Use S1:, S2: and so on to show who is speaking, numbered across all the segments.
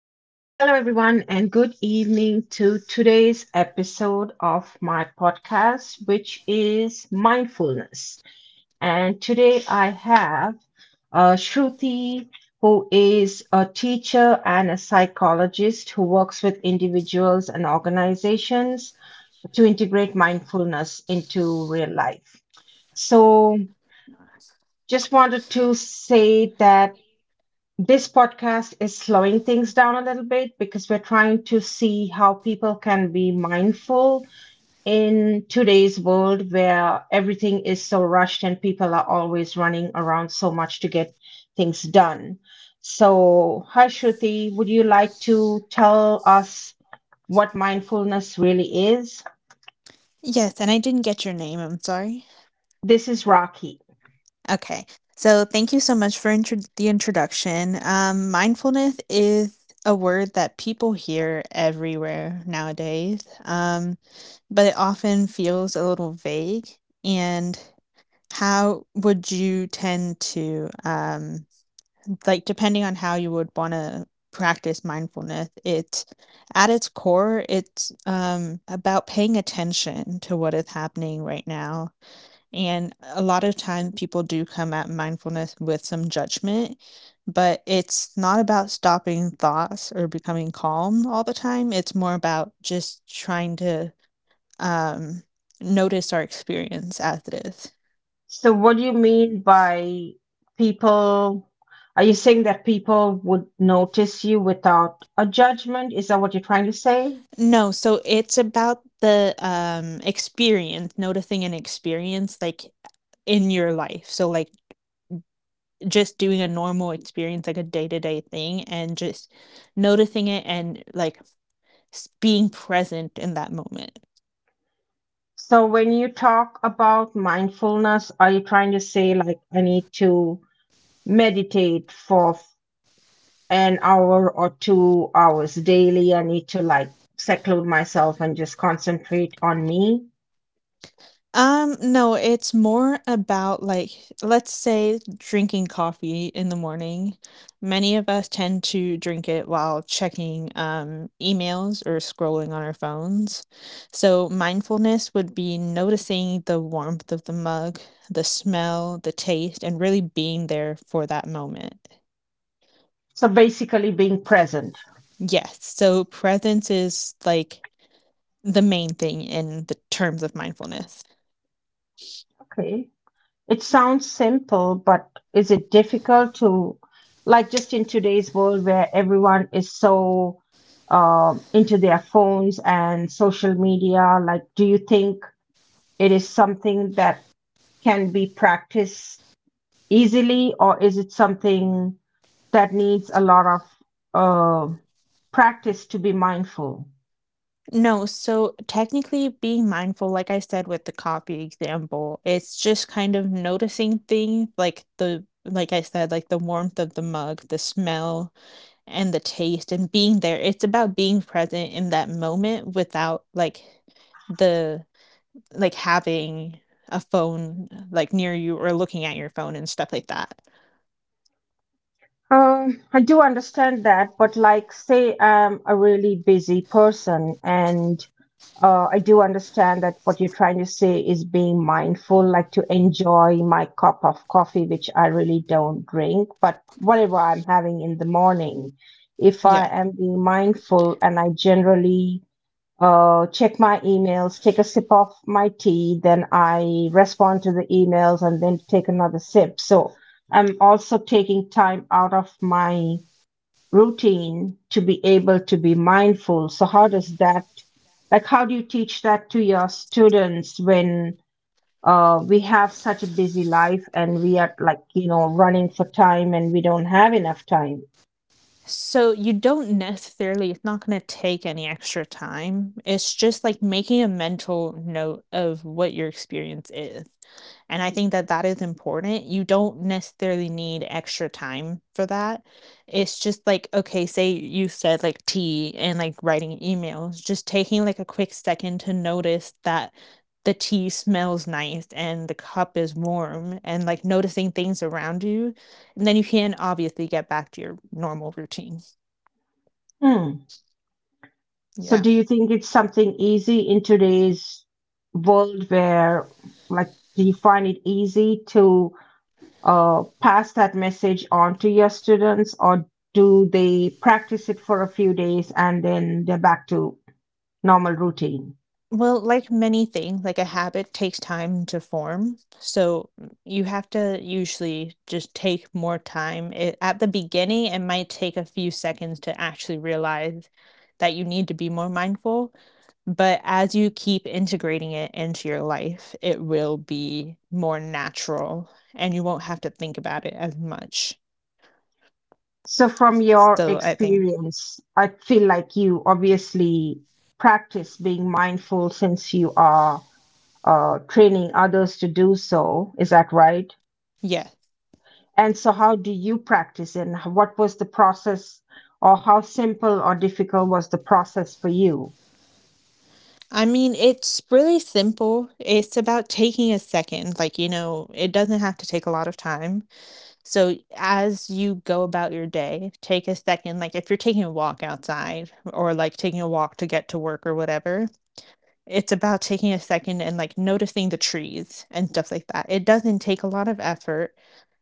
S1: Hello, everyone, and good evening to today's episode of my podcast, which is mindfulness. And today I have Shruti, who is a teacher and a psychologist who works with individuals and organizations to integrate mindfulness into real life. So, just wanted to say that this podcast is slowing things down a little bit because we're trying to see how people can be mindful in today's world where everything is so rushed and people are always running around so much to get things done. So, hi Shruti, would you like to tell us what mindfulness really is?
S2: Yes, and I didn't get your name. I'm sorry.
S1: This is Rocky.
S2: Okay. So thank you so much for the introduction. Mindfulness is a word that people hear everywhere nowadays, um, but it often feels a little vague. And how would you tend to like, depending on how you would want to practice mindfulness, it at its core it's about paying attention to what is happening right now. And a lot of times people do come at mindfulness with some judgment, but it's not about stopping thoughts or becoming calm all the time. It's more about just trying to um notice our experience as it is.
S1: So, what do you mean by people? Are you saying that people would notice you without a judgment? Is that what you're trying to say?
S2: No, so it's about the, experience, noticing an experience, like, in your life. So, like, just doing a normal experience, like a day-to-day thing, and just noticing it and, like, s being present in that moment.
S1: So, when you talk about mindfulness, are you trying to say, like, I need to meditate for an hour or 2 hours daily. I need to like seclude myself and just concentrate on me.
S2: No, it's more about, like, let's say drinking coffee in the morning. Many of us tend to drink it while checking, emails or scrolling on our phones. So mindfulness would be noticing the warmth of the mug, the smell, the taste, and really being there for that moment.
S1: So basically, being present.
S2: Yes, so presence is, like, the main thing in the terms of mindfulness.
S1: Okay. It sounds simple, but is it difficult to, like, just in today's world where everyone is so into their phones and social media? Like, do you think it is something that can be practiced easily, or is it something that needs a lot of uh, practice to be mindful?
S2: No, so technically being mindful, like I said with the coffee example, it's just kind of noticing things like the, like I said, like the warmth of the mug, the smell and the taste and being there. It's about being present in that moment without like the like having a phone like near you or looking at your phone and stuff like that.
S1: I do understand that, but like, say I'm a really busy person and I do understand that what you're trying to say is being mindful, like to enjoy my cup of coffee, which I really don't drink, but whatever I'm having in the morning, if I
S2: Yeah.
S1: am being mindful and I generally check my emails, take a sip of my tea, then I respond to the emails and then take another sip. So I'm also taking time out of my routine to be able to be mindful. So how does that, like, how do you teach that to your students when we have such a busy life and we are like, you know, running for time and we don't have enough time?
S2: So you don't necessarily, it's not gonna take any extra time. It's just like making a mental note of what your experience is. And I think that that is important. You don't necessarily need extra time for that. It's just like, okay, say you said like tea and like writing emails, just taking like a quick second to notice that the tea smells nice and the cup is warm and like noticing things around you, and then you can obviously get back to your normal routine.
S1: Hmm. So
S2: Yeah.
S1: do you think it's something easy in today's world where like do you find it easy to pass that message on to your students or do they practice it for a few days and then they're back to normal routine?
S2: Well, like many things, like a habit takes time to form. So you have to usually just take more time. It, at the beginning, it might take a few seconds to actually realize that you need to be more mindful. But as you keep integrating it into your life, it will be more natural and you won't have to think about it as much.
S1: So from your
S2: So I think,
S1: experience, I feel like you obviously practice being mindful since you are training others to do so. Is that right?
S2: yeah.
S1: And so, how do you practice and what was the process, or how simple or difficult was the process for you?
S2: I mean, it's really simple. It's about taking a second. Like, you know, it doesn't have to take a lot of time. So, as you go about your day, take a second. Like, if you're taking a walk outside or like taking a walk to get to work or whatever, it's about taking a second and like noticing the trees and stuff like that. It doesn't take a lot of effort.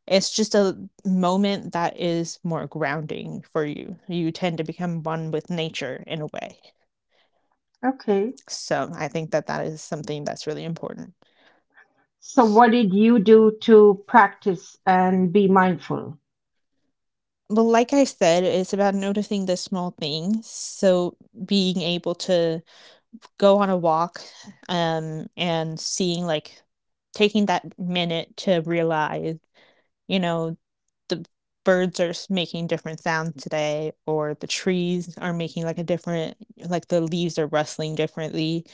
S2: It's just a moment that is more grounding for you. You tend to become one with nature in a way.
S1: Okay.
S2: So I think that that is something that's really important.
S1: So, what did you do to practice and be mindful?
S2: Well, like I said, it's about noticing the small things. So being able to go on a walk, and seeing like taking that minute to realize, you know, the birds are making different sounds today, or the trees are making like a different, like the leaves are rustling differently,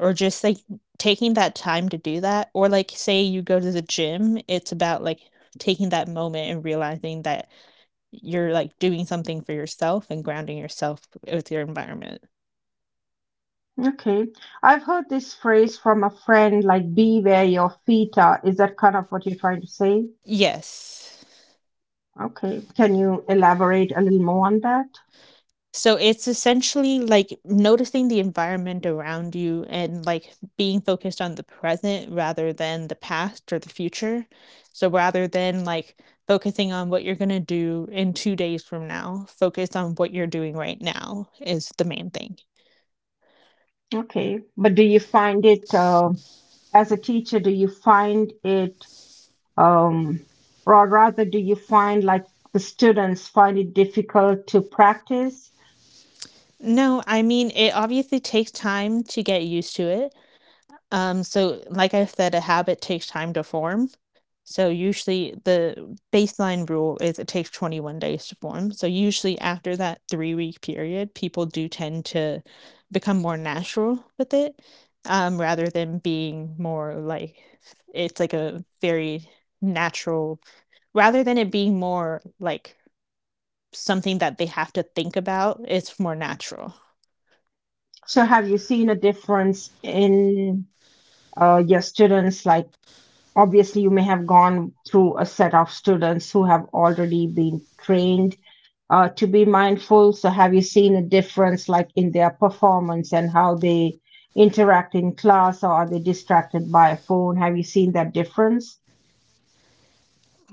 S2: or just like taking that time to do that. Or like say you go to the gym, it's about like taking that moment and realizing that you're, like, doing something for yourself and grounding yourself with your environment.
S1: Okay. I've heard this phrase from a friend like, be where your feet are. Is that kind of what you're trying to say?
S2: Yes.
S1: Okay. Can you elaborate a little more on that?
S2: So it's essentially, like, noticing the environment around you and, like, being focused on the present rather than the past or the future. So rather than, like, focusing on what you're gonna do in 2 days from now, focus on what you're doing right now is the main thing.
S1: Okay. But do you find it, as a teacher, do you find it, um, or rather, do you find like the students find it difficult to practice?
S2: No, I mean, it obviously takes time to get used to it. So like I said, a habit takes time to form. So usually the baseline rule is it takes 21 days to form. So usually after that 3 week period, people do tend to become more natural with it, rather than being more like it's like a very natural, rather than it being more like something that they have to think about, it's more natural.
S1: So have you seen a difference in your students like? Obviously you may have gone through a set of students who have already been trained to be mindful, so have you seen a difference like in their performance and how they interact in class, or are they distracted by a phone? Have you seen that difference?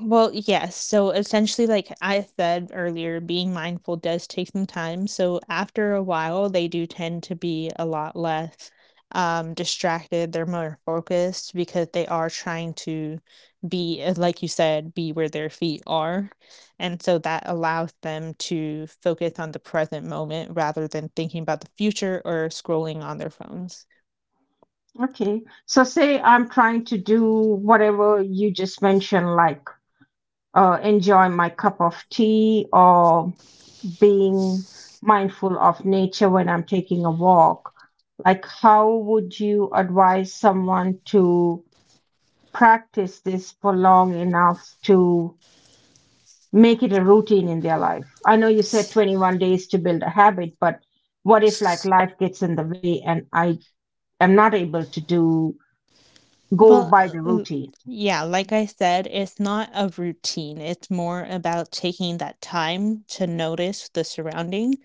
S2: Well, yes. So essentially, like I said earlier, being mindful does take some time. So after a while, they do tend to be a lot less distracted. They're more focused because they are trying to be, like you said, be where their feet are. And so that allows them to focus on the present moment rather than thinking about the future or scrolling on their phones.
S1: Okay, so say I'm trying to do whatever you just mentioned, like enjoy my cup of tea or being mindful of nature when I'm taking a walk. Like, how would you advise someone to practice this for long enough to make it a routine in their life? I know you said 21 days to build a habit, but what if like life gets in the way and I am not able to do go by
S2: Well,
S1: the
S2: uh,
S1: routine?
S2: yeah, like I said, it's not a routine. It's more about taking that time to notice the surrounding.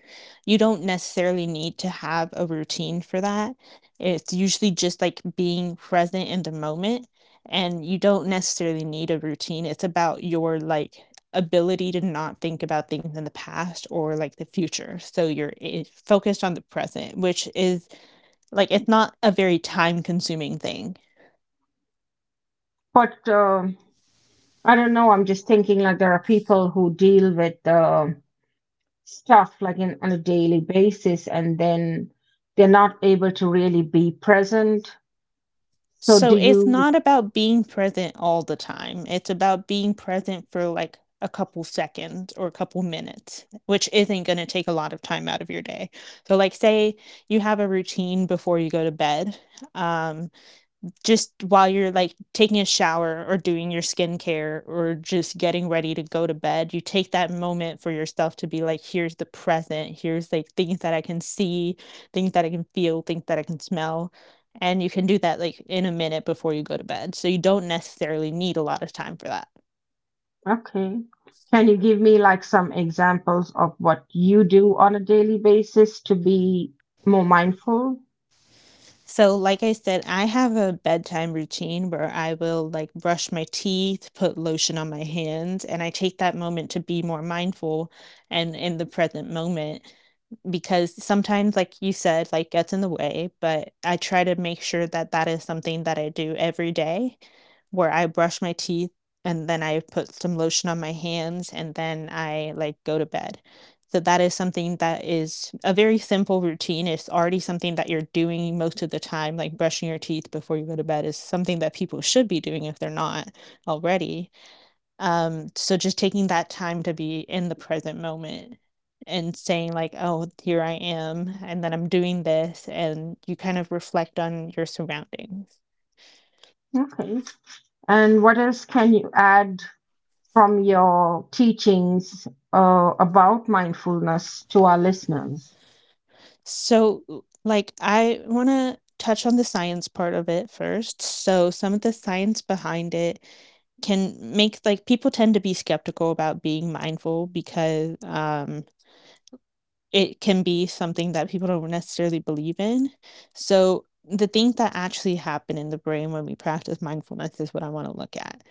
S2: You don't necessarily need to have a routine for that. It's usually just like being present in the moment, and you don't necessarily need a routine. It's about your like ability to not think about things in the past or like the future. So you're focused on the present, which is like it's not a very time consuming thing.
S1: But I don't know. I'm just thinking like there are people who deal with stuff like in, on a daily basis and then they're not able to really be present. So do
S2: So it's
S1: you—
S2: not about being present all the time. It's about being present for like a couple seconds or a couple minutes, which isn't going to take a lot of time out of your day. So like say you have a routine before you go to bed. Um just while you're like taking a shower or doing your skincare or just getting ready to go to bed, you take that moment for yourself to be like, here's the present, here's like things that I can see, things that I can feel, things that I can smell. And you can do that like in a minute before you go to bed. So you don't necessarily need a lot of time for that.
S1: Okay. Can you give me like some examples of what you do on a daily basis to be more mindful?
S2: So, like I said, I have a bedtime routine where I will like brush my teeth, put lotion on my hands, and I take that moment to be more mindful and in the present moment, because sometimes like you said like gets in the way, but I try to make sure that that is something that I do every day, where I brush my teeth and then I put some lotion on my hands and then I like go to bed. So that is something that is a very simple routine. It's already something that you're doing most of the time, like brushing your teeth before you go to bed is something that people should be doing if they're not already. So just taking that time to be in the present moment and saying like, "Oh, here I am, and then I'm doing this," and you kind of reflect on your surroundings.
S1: Okay. And what else can you add from your teachings about mindfulness to our listeners?
S2: So, like, I want to touch on the science part of it first. So, some of the science behind it can make like people tend to be skeptical about being mindful because it can be something that people don't necessarily believe in. So, the things that actually happen in the brain when we practice mindfulness is what I want to look at.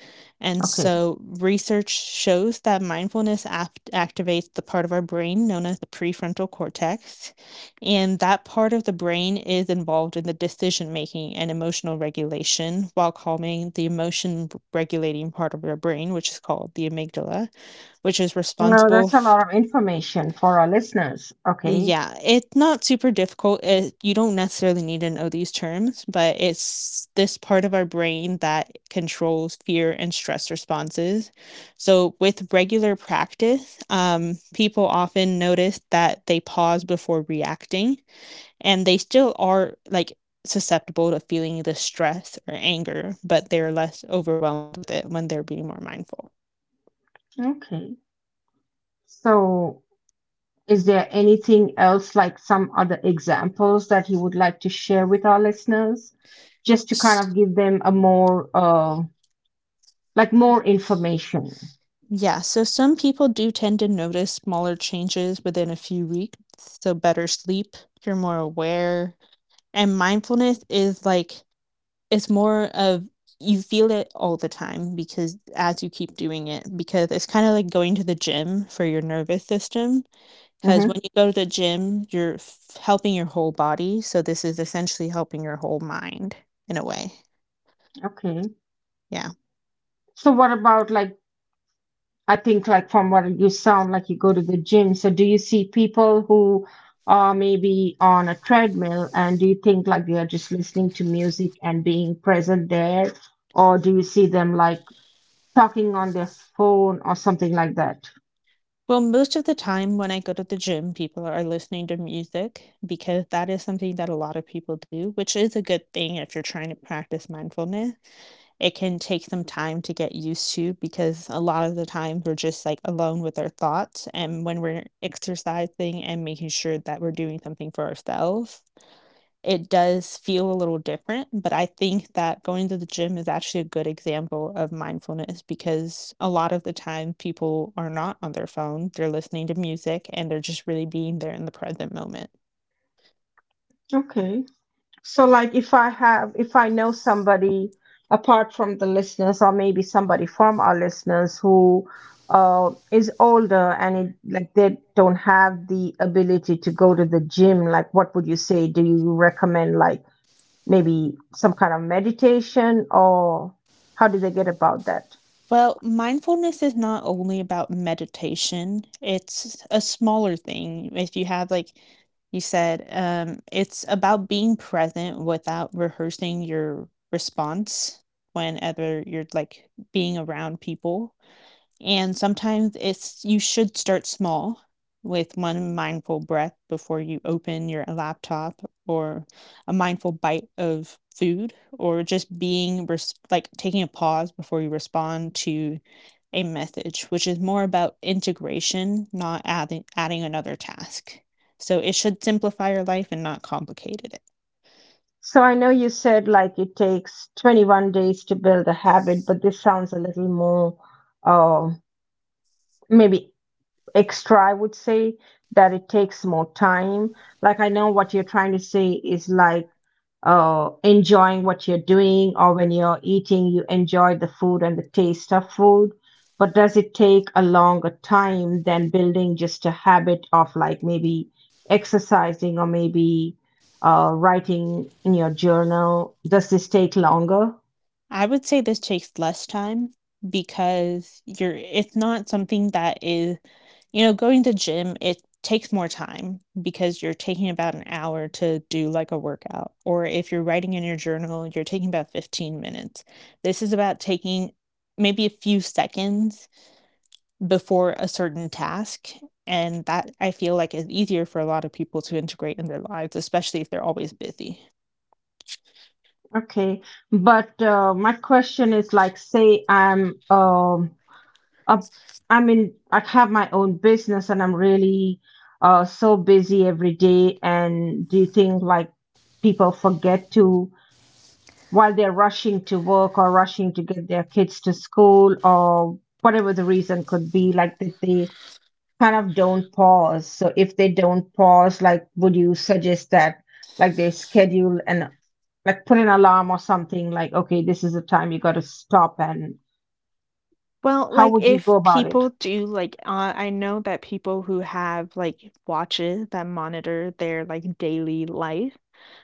S2: And
S1: Okay.
S2: so, research shows that mindfulness activates the part of our brain known as the prefrontal cortex. And that part of the brain is involved in the decision making and emotional regulation while calming the emotion regulating part of our brain, which is called the amygdala, which is
S1: Well,
S2: responsible
S1: that's a lot of information for our listeners. Okay.
S2: yeah, it's not super difficult. It, you don't necessarily need to know these terms, but it's this part of our brain that controls fear and stress responses. So, with regular practice, people often notice that they pause before reacting and they still are like susceptible to feeling the stress or anger, but they're less overwhelmed with it when they're being more mindful.
S1: Okay. So is there anything else, like some other examples that you would like to share with our listeners, just to kind of give them a more, like more information?
S2: Yeah, so some people do tend to notice smaller changes within a few weeks. So better sleep, you're more aware. And mindfulness is like, it's more of you feel it all the time because as you keep doing it, because it's kind of like going to the gym for your nervous system. Because when
S1: Mm-hmm.
S2: you go to the gym, you're helping your whole body. So this is essentially helping your whole mind in a way.
S1: Okay.
S2: Yeah.
S1: So what about like I think like from what you sound like you go to the gym. So do you see people who are maybe on a treadmill and do you think like they are just listening to music and being present there? Or do you see them like talking on their phone or something like that?
S2: Well, most of the time when I go to the gym, people are listening to music because that is something that a lot of people do, which is a good thing if you're trying to practice mindfulness. It can take some time to get used to because a lot of the time we're just like alone with our thoughts. And when we're exercising and making sure that we're doing something for ourselves, it does feel a little different, but I think that going to the gym is actually a good example of mindfulness because a lot of the time people are not on their phone, they're listening to music and they're just really being there in the present moment.
S1: Okay. So, like, if I have, if I know somebody apart from the listeners, or maybe somebody from our listeners who is older and it, like they don't have the ability to go to the gym, like, what would you say? Do you recommend like maybe some kind of meditation, or how do they get about that?
S2: Well, mindfulness is not only about meditation. It's a smaller thing. If you have, like you said, it's about being present without rehearsing your response whenever you're like being around people. And sometimes it's you should start small with one mindful breath before you open your laptop, or a mindful bite of food, or just like taking a pause before you respond to a message, which is more about integration, not adding another task. So it should simplify your life and not complicate it.
S1: So I know you said like it takes 21 days to build a habit, but this sounds a little more uh, maybe extra, I would say, that it takes more time. Like I know what you're trying to say is like enjoying what you're doing or when you're eating, you enjoy the food and the taste of food. But does it take a longer time than building just a habit of like maybe exercising or maybe writing in your journal? Does this take longer?
S2: I would say this takes less time because you're it's not something that is. You know, going to gym, it takes more time because you're taking about an hour to do like a workout. Or if you're writing in your journal, you're taking about 15 minutes. This is about taking maybe a few seconds before a certain task. And that I feel like is easier for a lot of people to integrate in their lives, especially if they're always busy.
S1: Okay. But my question is like, say I'm uh, i mean, I have my own business and I'm really so busy every day. And do you think like people forget to, while they're rushing to work or rushing to get their kids to school or whatever the reason could be, like that they kind of don't pause? So if they don't pause, like, would you suggest that like they schedule and like put an alarm or something like, okay, this is the time you got to stop and
S2: Well,
S1: how
S2: like
S1: would you go
S2: if
S1: about it?
S2: people do like I know that people who have like watches that monitor their like daily life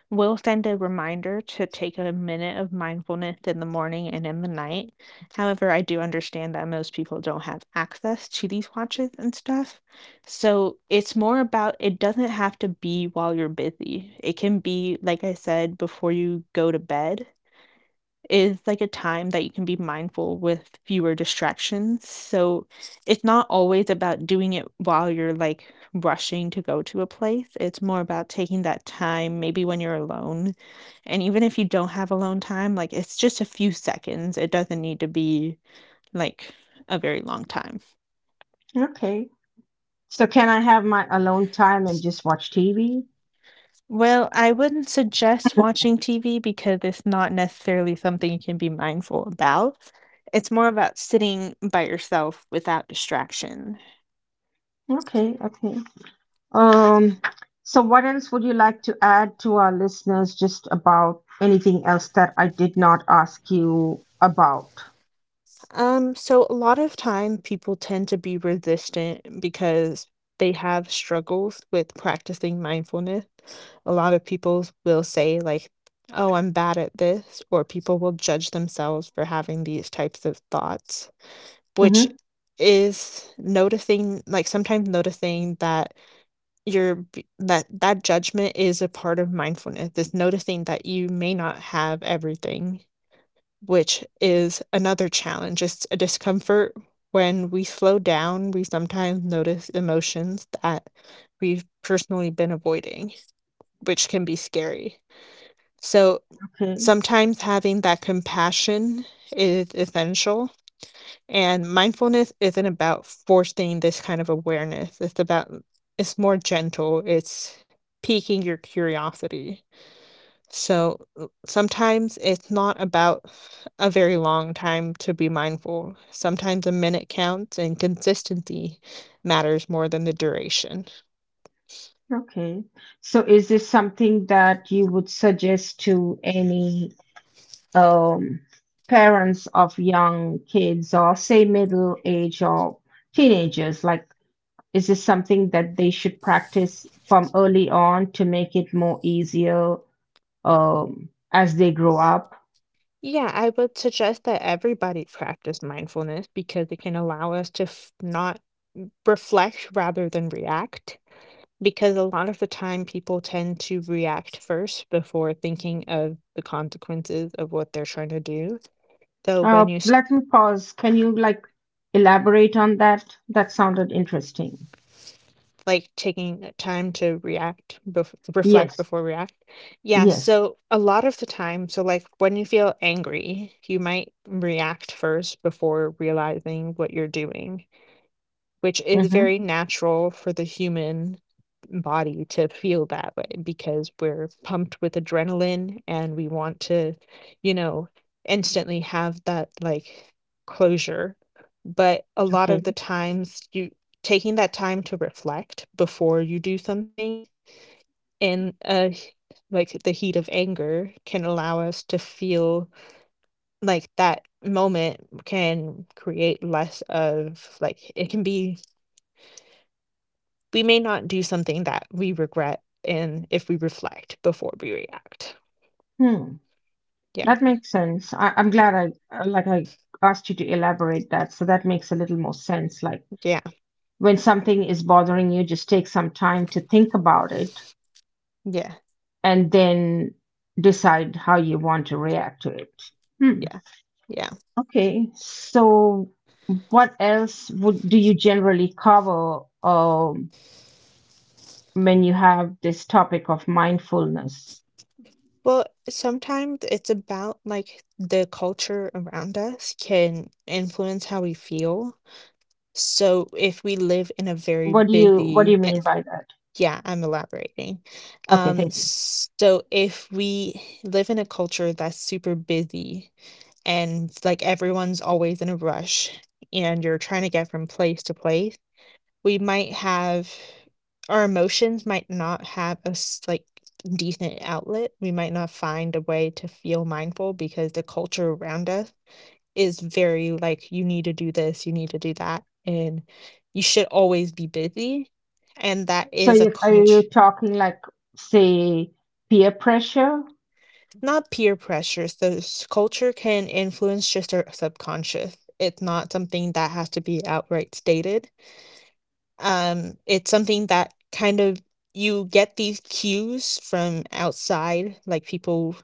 S2: We'll send a reminder to take a minute of mindfulness in the morning and in the night. However, I do understand that most people don't have access to these watches and stuff. So it's more about it doesn't have to be while you're busy. It can be, like I said, before you go to bed is like a time that you can be mindful with fewer distractions. So it's not always about doing it while you're like rushing to go to a place. It's more about taking that time, maybe when you're alone. And even if you don't have alone time, like it's just a few seconds. It doesn't need to be like a very long time.
S1: Okay. So can I have my alone time and just watch TV?
S2: Well, I wouldn't suggest watching TV because it's not necessarily something you can be mindful about. It's more about sitting by yourself without distraction.
S1: Okay, okay. Um, so what else would you like to add to our listeners just about anything else that I did not ask you about?
S2: So a lot of time people tend to be resistant because they have struggles with practicing mindfulness. A lot of people will say like, "Oh, I'm bad at this," or people will judge themselves for having these types of thoughts, which
S1: Hmm.
S2: is noticing, like, sometimes noticing that that judgment is a part of mindfulness, is noticing that you may not have everything, which is another challenge. It's a discomfort when we slow down. We sometimes notice emotions that we've personally been avoiding, which can be scary. So
S1: Okay,
S2: sometimes having that compassion is essential. And mindfulness isn't about forcing this kind of awareness. It's about, it's more gentle. It's piquing your curiosity, so sometimes it's not about a very long time to be mindful. Sometimes a minute counts and consistency matters more than the duration.
S1: okay. So is this something that you would suggest to any um parents of young kids or say middle age or teenagers like is this something that they should practice from early on to make it more easier as they grow up?
S2: Yeah, I would suggest that everybody practice mindfulness because it can allow us to f- not reflect rather than react. Because a lot of the time, people tend to react first before thinking of the consequences of what they're trying to do. So when you
S1: Let me pause. Can you like elaborate on that? That sounded interesting.
S2: like taking time to reflect
S1: Yes.
S2: before react. Yeah,
S1: Yes.
S2: so a lot of the time, so like when you feel angry, you might react first before realizing what you're doing, which is
S1: Mm-hmm.
S2: very natural for the human body to feel that way because we're pumped with adrenaline and we want to, you know, instantly have that like closure. But a lot of
S1: Okay.
S2: the times you taking that time to reflect before you do something in a like the heat of anger can allow us to feel like that moment can create less of like it can be. We may not do something that we regret in if we reflect before we react.
S1: Hmm.
S2: Yeah.
S1: That makes sense. I'm glad I like I asked you to elaborate that, so that makes a little more sense. Like
S2: Yeah.
S1: when something is bothering you, just take some time to think about it
S2: Yeah.
S1: and then decide how you want to react to it. Hmm.
S2: Yeah. Yeah.
S1: Okay. So, what else would do you generally cover when you have this topic of mindfulness?
S2: Well, sometimes it's about like the culture around us can influence how we feel. So if we live in a very
S1: What do you
S2: busy
S1: mean
S2: and
S1: by that?
S2: yeah, I'm elaborating.
S1: Okay,
S2: Um,
S1: thank you.
S2: so if we live in a culture that's super busy and like everyone's always in a rush and you're trying to get from place to place, we might have our emotions might not like decent outlet. We might not find a way to feel mindful because the culture around us is very like you need to do this, you need to do that, and you should always be busy. And that
S1: So,
S2: is a
S1: are you
S2: culture,
S1: talking like say peer pressure?
S2: not peer pressures. Those culture can influence just our subconscious. It's not something that has to be outright stated. It's something that kind of you get these cues from outside. Like people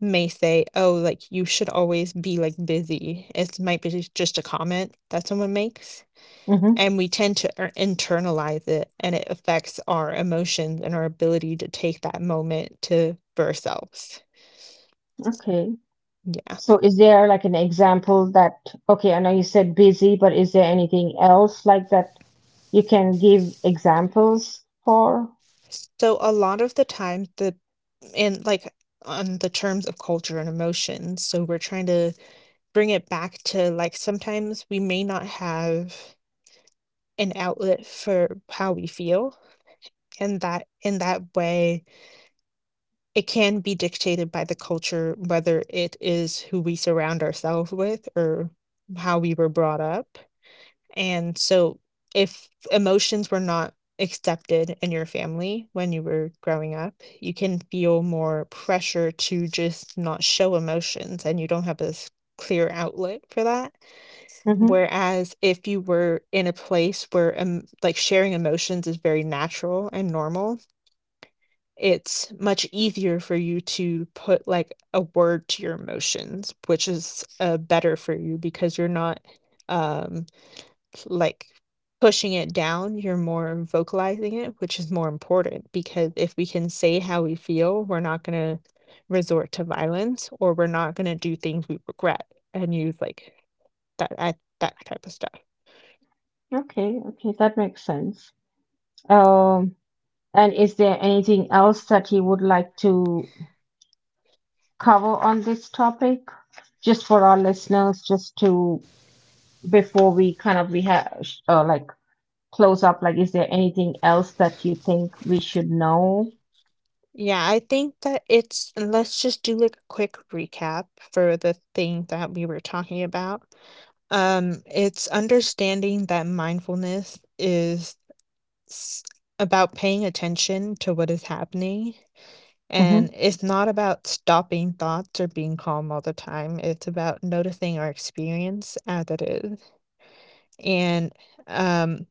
S2: may say, "Oh, like you should always be like busy." It might be just a comment that someone makes,
S1: Mm-hmm.
S2: and we tend to internalize it, and it affects our emotions and our ability to take that moment to for ourselves.
S1: Okay.
S2: Yeah.
S1: So, is there like an example that okay? I know you said busy, but is there anything else like that you can give examples for?
S2: So a lot of the times, the and like on the terms of culture and emotions, so we're trying to bring it back to like sometimes we may not have an outlet for how we feel, and that in that way it can be dictated by the culture, whether it is who we surround ourselves with or how we were brought up. And so if emotions were not accepted in your family when you were growing up, you can feel more pressure to just not show emotions, and you don't have this clear outlet for that.
S1: Hmm.
S2: Whereas if you were in a place where like sharing emotions is very natural and normal, it's much easier for you to put like a word to your emotions, which is better for you because you're not um, like pushing it down. You're more vocalizing it, which is more important because if we can say how we feel, we're not going to resort to violence or we're not going to do things we regret and use like that type of stuff.
S1: Okay, okay, that makes sense. Um, and is there anything else that you would like to cover on this topic, just for our listeners, just to before we kind of we have like close up? Like, is there anything else that you think we should know?
S2: Yeah, I think that it's let's just do like a quick recap for the thing that we were talking about. It's understanding that mindfulness is s- about paying attention to what is happening. And
S1: Mm-hmm.
S2: it's not about stopping thoughts or being calm all the time. It's about noticing our experience as it is. And um,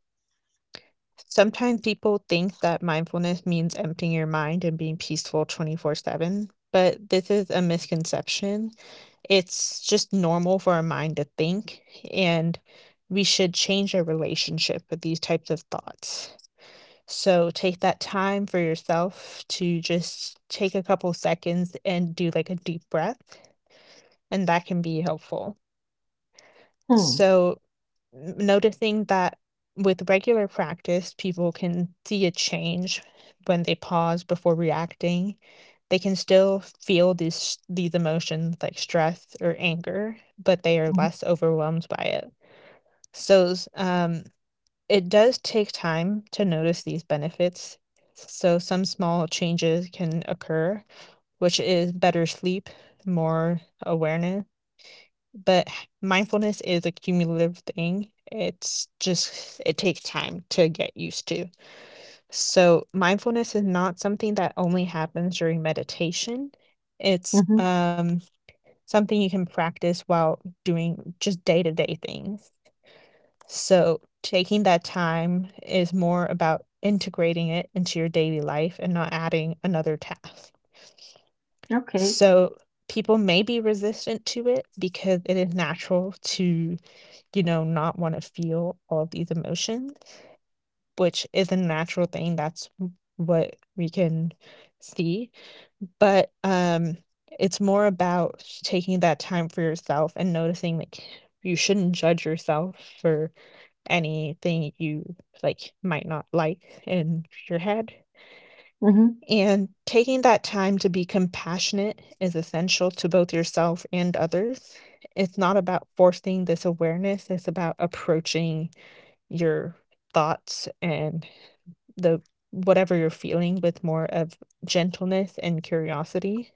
S2: Sometimes people think that mindfulness means emptying your mind and being peaceful 24/7, but this is a misconception. It's just normal for our mind to think, and we should change our relationship with these types of thoughts. So take that time for yourself to just take a couple seconds and do like a deep breath, and that can be helpful.
S1: Hmm.
S2: So N noticing that with regular practice, people can see a change when they pause before reacting. They can still feel these emotions like stress or anger, but they are less overwhelmed by it. So, s it does take time to notice these benefits. So some small changes can occur, which is better sleep, more awareness. But mindfulness is a cumulative thing. It's just, it takes time to get used to. So, mindfulness is not something that only happens during meditation. It's
S1: Mhm.
S2: something you can practice while doing just day to day things. So, taking that time is more about integrating it into your daily life and not adding another task.
S1: Okay.
S2: So, people may be resistant to it because it is natural to not want to feel all these emotions, which is a natural thing. What we can see. But it's more about taking that time for yourself and noticing like you shouldn't judge yourself for anything you like might not like in your head.
S1: Mhm.
S2: And taking that time to be compassionate is essential to both yourself and others. It's not about forcing this awareness, it's about approaching your thoughts and the whatever you're feeling with more of gentleness and curiosity.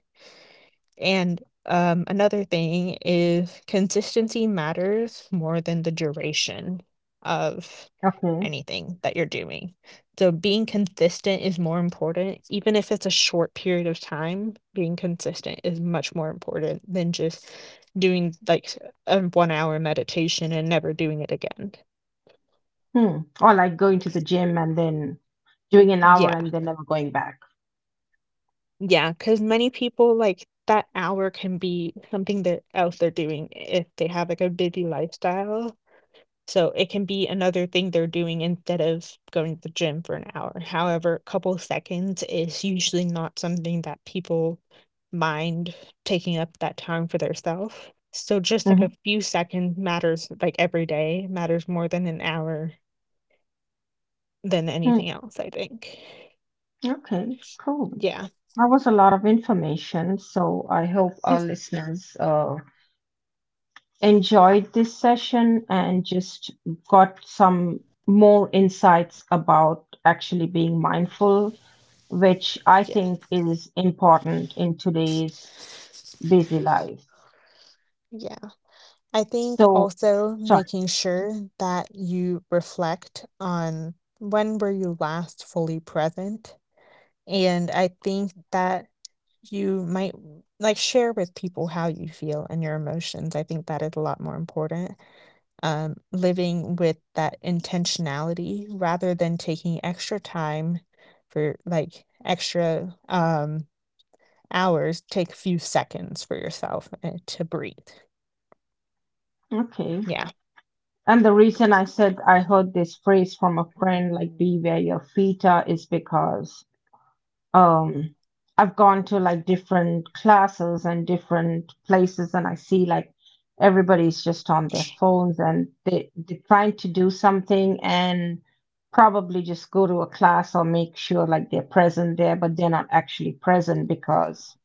S2: And another thing is consistency matters more than the duration of
S1: Okay.
S2: anything that you're doing. So being consistent is more important, even if it's a short period of time. Being consistent is much more important than just doing like a 1 hour meditation and never doing it again.
S1: Hmm. Or like going to the gym and then doing an hour
S2: Yeah.
S1: and then never going back.
S2: Yeah, because many people, like, that hour can be something that else they're doing if they have, like, a busy lifestyle. So it can be another thing they're doing instead of going to the gym for an hour. However, a couple seconds is usually not something that people mind taking up that time for themselves. So just, like, a
S1: Mhm.
S2: few seconds matters, like, every day, matters more than an hour than
S1: Hmm.
S2: anything else, I think.
S1: Okay. Cool.
S2: Yeah.
S1: That was a lot of information. So I hope our listeners enjoyed this session and just got some more insights about actually being mindful, which I
S2: Yeah.
S1: think is important in today's busy life.
S2: Yeah. I think
S1: So,
S2: also
S1: sorry.
S2: making sure that you reflect on when were you last fully present. And I think that you might like share with people how you feel and your emotions. I think that is a lot more important. Living with that intentionality rather than taking extra time for like extra hours, take a few seconds for yourself to breathe.
S1: Okay.
S2: Yeah.
S1: And the reason I said I heard this phrase from a friend, like be where your feet are, is because um I've gone to like different classes and different places and I see like everybody's just on their phones and they're trying to do something and probably just go to a class or make sure like they're present there but they're not actually present because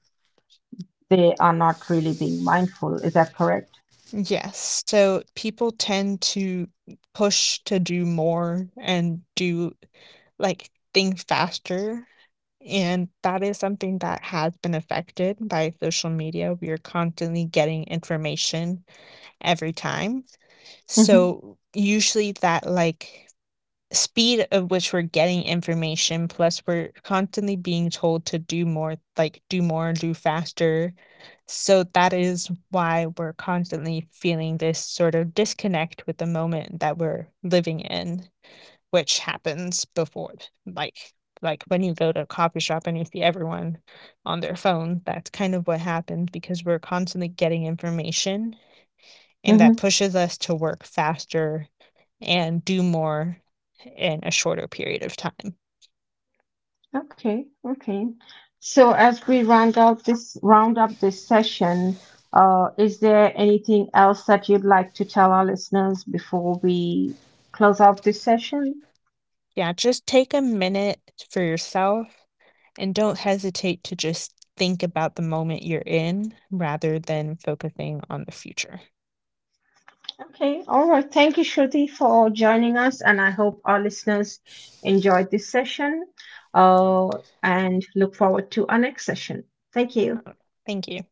S1: they are not really being mindful. Is that correct?
S2: Yes. So people tend to push to do more and do like think faster. And that is something that has been affected by social media. We are constantly getting information every time.
S1: Hmm.
S2: So usually that like speed of which we're getting information plus we're constantly being told to do more like do more do faster, so that is why we're constantly feeling this sort of disconnect with the moment that we're living in, which happens before like like when you go to a coffee shop and you see everyone on their phone. That's kind of what happens because we're constantly getting information and that
S1: Hmm.
S2: pushes us to work faster and do more in a shorter period of time.
S1: Okay, okay. So as we round up this session, is there anything else that you'd like to tell our listeners before we close off this session?
S2: Yeah, just take a minute for yourself and don't hesitate to just think about the moment you're in rather than focusing on the future.
S1: Okay, all right. Thank you, Shruti, for joining us, and I hope our listeners enjoyed this session, and look forward to our next session. Thank you.
S2: Uh, Thank you.